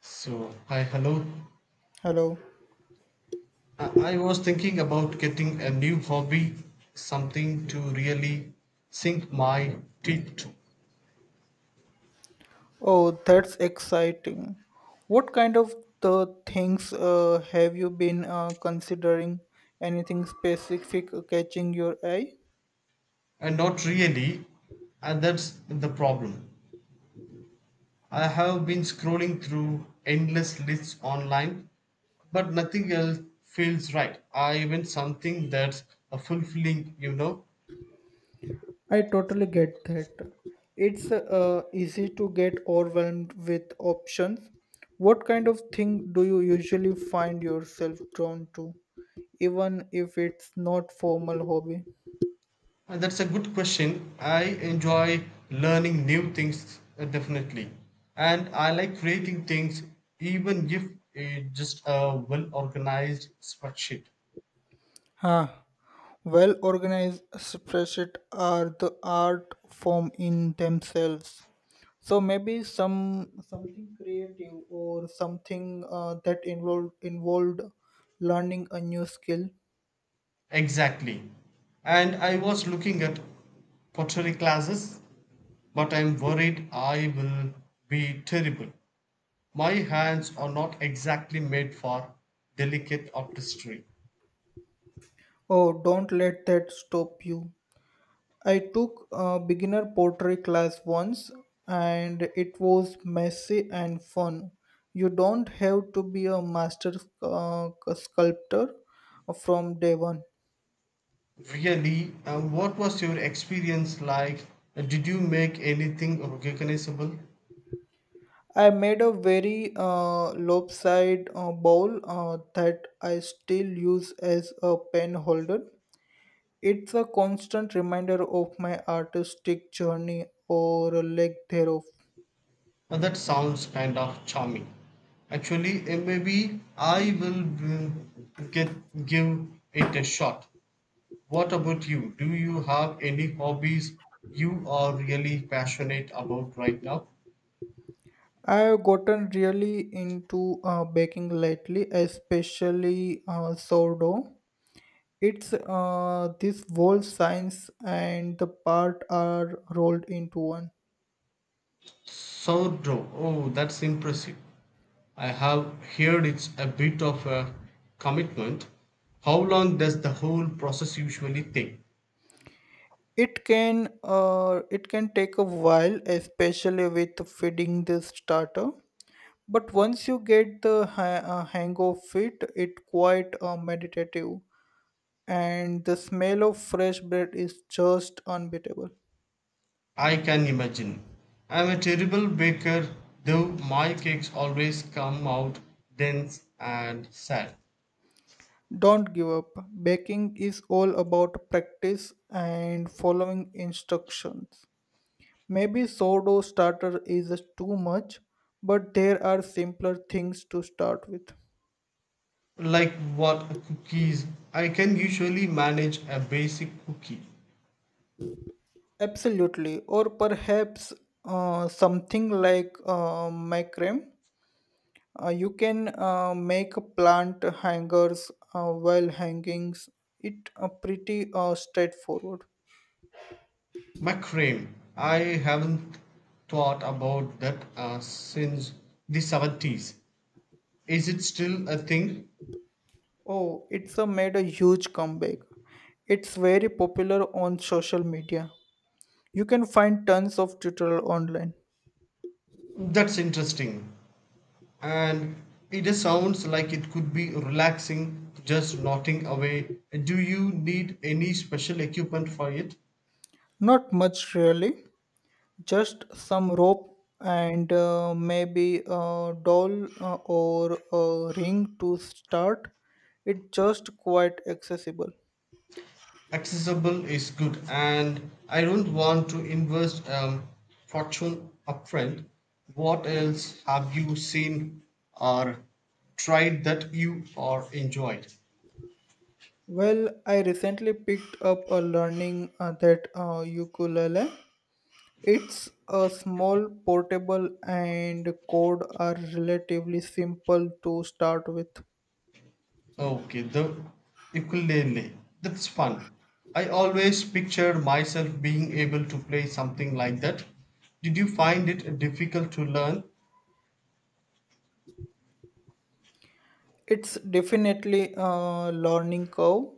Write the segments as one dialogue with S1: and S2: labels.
S1: So, hi, hello.
S2: Hello.
S1: I was thinking about getting a new hobby, something to really sink my teeth to.
S2: Oh, that's exciting. What kind of the things have you been considering? Anything specific catching your eye?
S1: And not really, and that's the problem. I have been scrolling through endless lists online, but nothing else feels right. I want something that's a fulfilling.
S2: I totally get that. It's easy to get overwhelmed with options. What kind of thing do you usually find yourself drawn to, even if it's not formal hobby?
S1: That's a good question. I enjoy learning new things, definitely. And I like creating things even if it's just a well organized spreadsheet.
S2: Huh. Well organized spreadsheet are the art form in themselves. So maybe something creative or something that involved learning a new skill.
S1: Exactly. And I was looking at pottery classes, but I'm worried I will be terrible. My hands are not exactly made for delicate artistry.
S2: Oh, don't let that stop you. I took a beginner pottery class once and it was messy and fun. You don't have to be a master uh, sculptor from day one.
S1: Really? And what was your experience like? Did you make anything recognizable?
S2: I made a very lopsided bowl that I still use as a pen holder. It's a constant reminder of my artistic journey or a lack thereof.
S1: That sounds kind of charming. Actually, maybe I will mm, get give it a shot. What about you? Do you have any hobbies you are really passionate about right now?
S2: I have gotten really into baking lately, especially sourdough. It's this whole science and the part are rolled into one.
S1: Sourdough! Oh, that's impressive. I have heard it's a bit of a commitment. How long does the whole process usually take?
S2: It can take a while, especially with feeding the starter. But once you get the hang of it, it quite meditative, and the smell of fresh bread is just unbeatable.
S1: I can imagine. I'm a terrible baker, though my cakes always come out dense and sad.
S2: Don't give up. Baking is all about practice and following instructions. Maybe sourdough starter is too much, but there are simpler things to start with.
S1: Like what, cookies? I can usually manage a basic cookie.
S2: Absolutely, or perhaps something like macrame. You can make plant hangers while hangings. It pretty straightforward.
S1: Macrame! I haven't thought about that since the 70s. Is it still a thing?
S2: Oh, it's made a huge comeback. It's very popular on social media. You can find tons of tutorial online.
S1: That's interesting. And it just sounds like it could be relaxing, just knotting away. Do you need any special equipment for it?
S2: Not much really. Just some rope and maybe a doll or a ring to start. It's just quite accessible.
S1: Accessible is good, and I don't want to invest fortune upfront. What else have you seen or tried that you are enjoyed?
S2: Well, I recently picked up a learning that ukulele. It's a small portable and chord are relatively simple to start with.
S1: Okay, the ukulele. That's fun. I always pictured myself being able to play something like that. Did you find it difficult to learn?
S2: It's definitely a learning curve,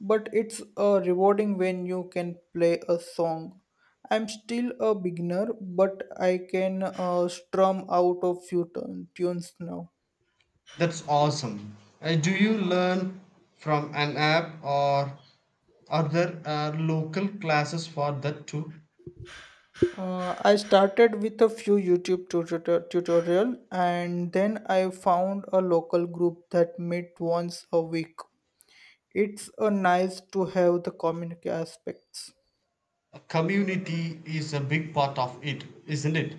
S2: but it's rewarding when you can play a song. I'm still a beginner, but I can strum out a few tunes now.
S1: That's awesome. Do you learn from an app or are there local classes for that too?
S2: I started with a few YouTube tutorial, and then I found a local group that met once a week. It's a nice to have the community aspects.
S1: A community is a big part of it, isn't it?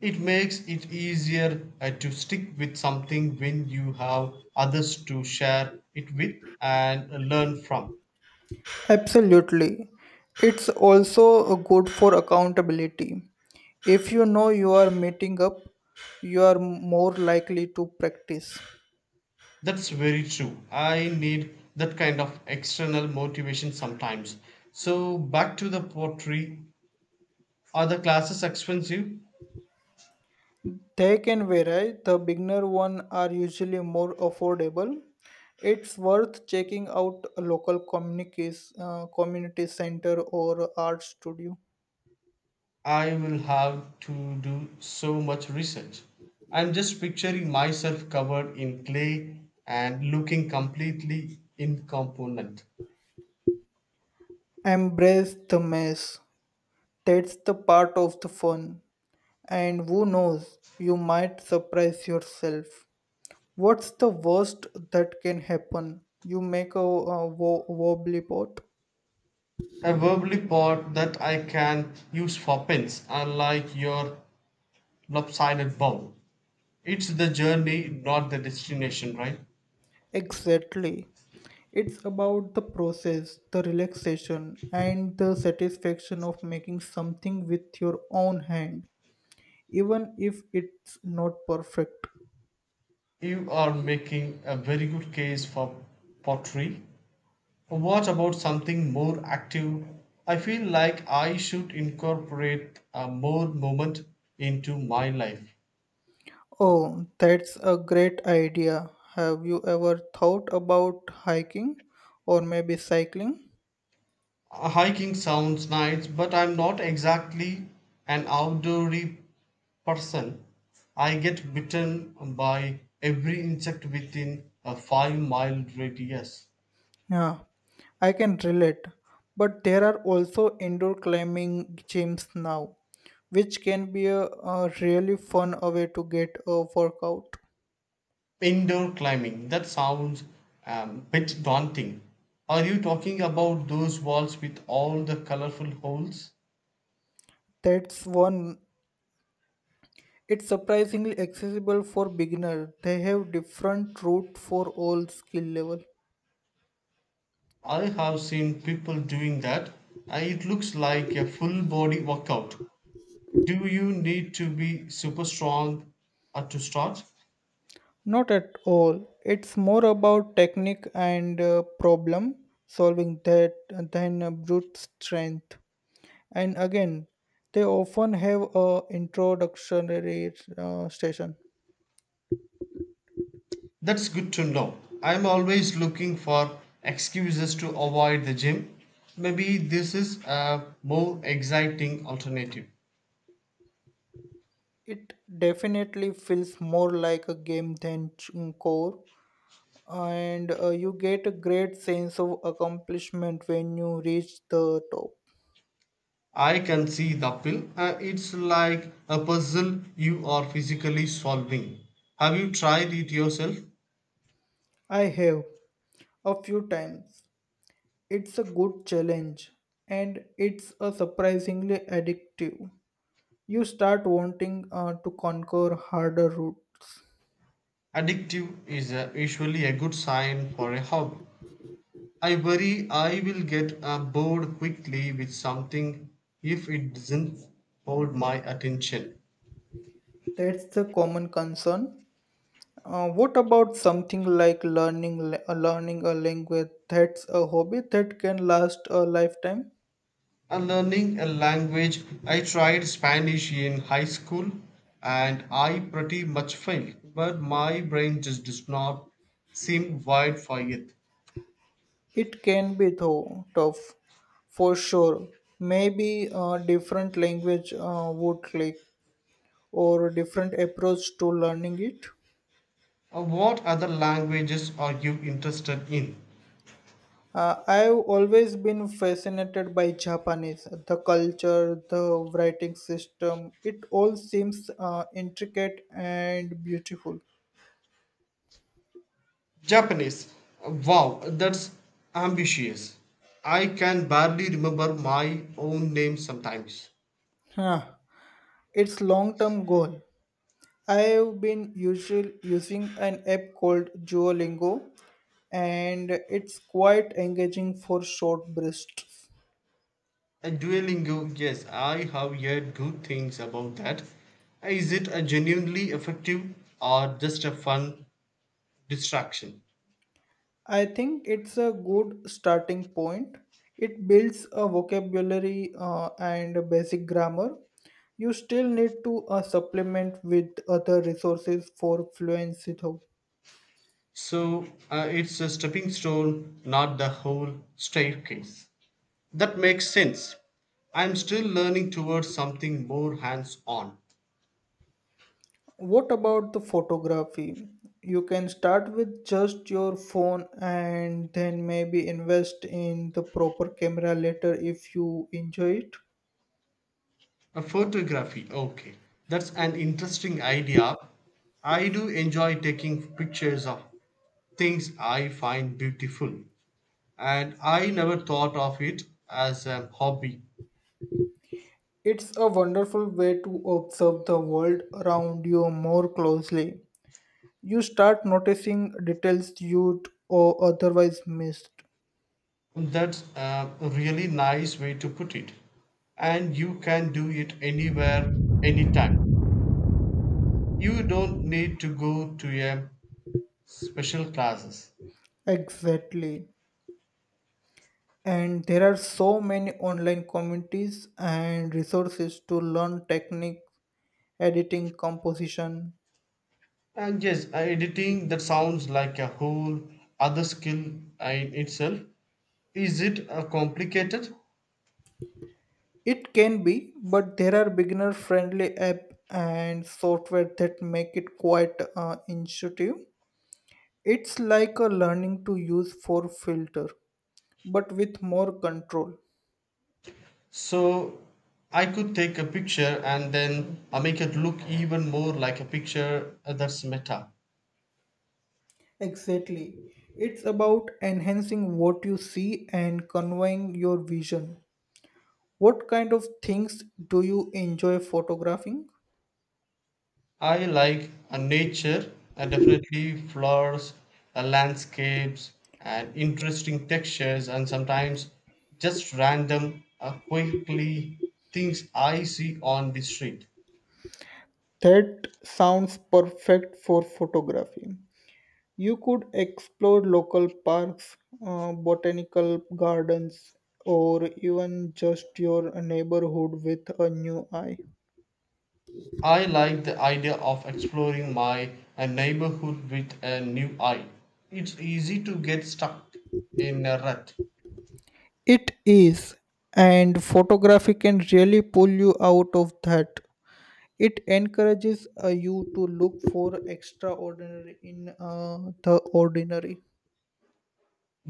S1: It makes it easier to stick with something when you have others to share it with and learn from.
S2: Absolutely. It's also good for accountability. If you know you are meeting up, you are more likely to practice.
S1: That's very true. I need that kind of external motivation sometimes. So, back to the pottery. Are the classes expensive?
S2: They can vary. The beginner one are usually more affordable. It's worth checking out a local communities, community center or art studio.
S1: I will have to do so much research. I'm just picturing myself covered in clay and looking completely incompetent.
S2: Embrace the mess. That's the part of the fun. And who knows, you might surprise yourself. What's the worst that can happen? You make a wobbly pot?
S1: A verbally part that I can use for pence, unlike your lopsided bowl. It's the journey, not the destination, right?
S2: Exactly. It's about the process, the relaxation, and the satisfaction of making something with your own hand, even if it's not perfect.
S1: You are making a very good case for pottery. What about something more active? I feel like I should incorporate a more moment into my life.
S2: Oh, that's a great idea. Have you ever thought about hiking or maybe cycling?
S1: Hiking sounds nice, but I'm not exactly an outdoorsy person. I get bitten by every insect within a 5 mile radius.
S2: Yeah, I can relate. But there are also indoor climbing gyms now, which can be a really fun way to get a workout.
S1: Indoor climbing, that sounds bit daunting. Are you talking about those walls with all the colorful holes?
S2: That's one. It's surprisingly accessible for beginner. They have different route for all skill level.
S1: I have seen people doing that. It looks like a full body workout. Do you need to be super strong to start?
S2: Not at all. It's more about technique and problem solving that than brute strength. And again, they often have a introductory station.
S1: That's good to know. I'm always looking for excuses to avoid the gym. Maybe this is a more exciting alternative.
S2: It definitely feels more like a game than core, and you get a great sense of accomplishment when you reach the top.
S1: I can see the appeal. It's like a puzzle you are physically solving. Have you tried it yourself?
S2: I have, a few times. It's a good challenge, and it's a surprisingly addictive. You start wanting to conquer harder routes.
S1: Addictive is usually a good sign for a hobby. I worry I will get bored quickly with something if it doesn't hold my attention.
S2: That's the common concern. What about something like learning a language? That's a hobby that can last a lifetime.
S1: And learning a language, I tried Spanish in high school and I pretty much failed, but my brain just does not seem wired for it.
S2: It can be though tough, for sure. Maybe a different language would click, or a different approach to learning it.
S1: What other languages are you interested in?
S2: I've always been fascinated by Japanese, the culture, the writing system. It all seems intricate and beautiful.
S1: Japanese. Wow, that's ambitious. I can barely remember my own name sometimes.
S2: Huh. It's long-term goal. I've been usual using an app called Duolingo, and it's quite engaging for short bursts.
S1: A Duolingo, yes, I have heard good things about that. Is it a genuinely effective or just a fun distraction.
S2: I think it's a good starting point. It builds a vocabulary and a basic grammar. You still need to supplement with other resources for fluency though.
S1: So it's a stepping stone, not the whole staircase. That makes sense. I'm still learning towards something more hands on.
S2: What about the photography? You can start with just your phone and then maybe invest in the proper camera later if you enjoy it.
S1: A photography, okay. That's an interesting idea. I do enjoy taking pictures of things I find beautiful, and I never thought of it as a hobby.
S2: It's a wonderful way to observe the world around you more closely. You start noticing details you'd or otherwise missed.
S1: That's a really nice way to put it. And you can do it anywhere, anytime. You don't need to go to a special classes.
S2: Exactly. And there are so many online communities and resources to learn technique, editing, composition.
S1: And yes, editing that sounds like a whole other skill in itself. Is it complicated?
S2: It can be, but there are beginner friendly app and software that make it quite intuitive. It's like a learning to use for filter, but with more control.
S1: So I could take a picture and then make it look even more like a picture, that's meta.
S2: Exactly. It's about enhancing what you see and conveying your vision. What kind of things do you enjoy photographing?
S1: I like, nature, definitely flowers, landscapes, and interesting textures, and sometimes just random, quickly things I see on the street.
S2: That sounds perfect for photography. You could explore local parks, botanical gardens, or even just your neighborhood with a new eye.
S1: I like the idea of exploring my neighborhood with a new eye. It's easy to get stuck in a rut.
S2: It is, and photography can really pull you out of that. It encourages you to look for extraordinary in the ordinary.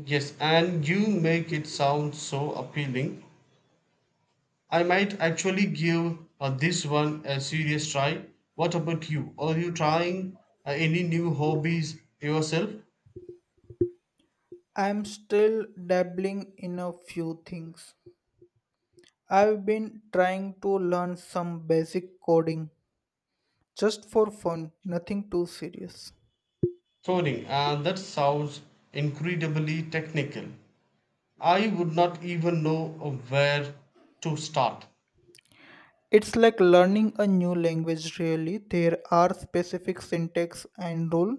S1: Yes, and you make it sound so appealing. I might actually give this one a serious try. What about you? Are you trying any new hobbies yourself?
S2: I'm still dabbling in a few things. I've been trying to learn some basic coding, just for fun, nothing too serious.
S1: Coding, and that sounds incredibly technical. I would not even know where to start.
S2: It's like learning a new language, really. There are specific syntax and rule,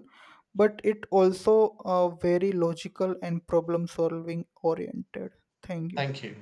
S2: but it also very logical and problem solving oriented. Thank you.
S1: Thank you.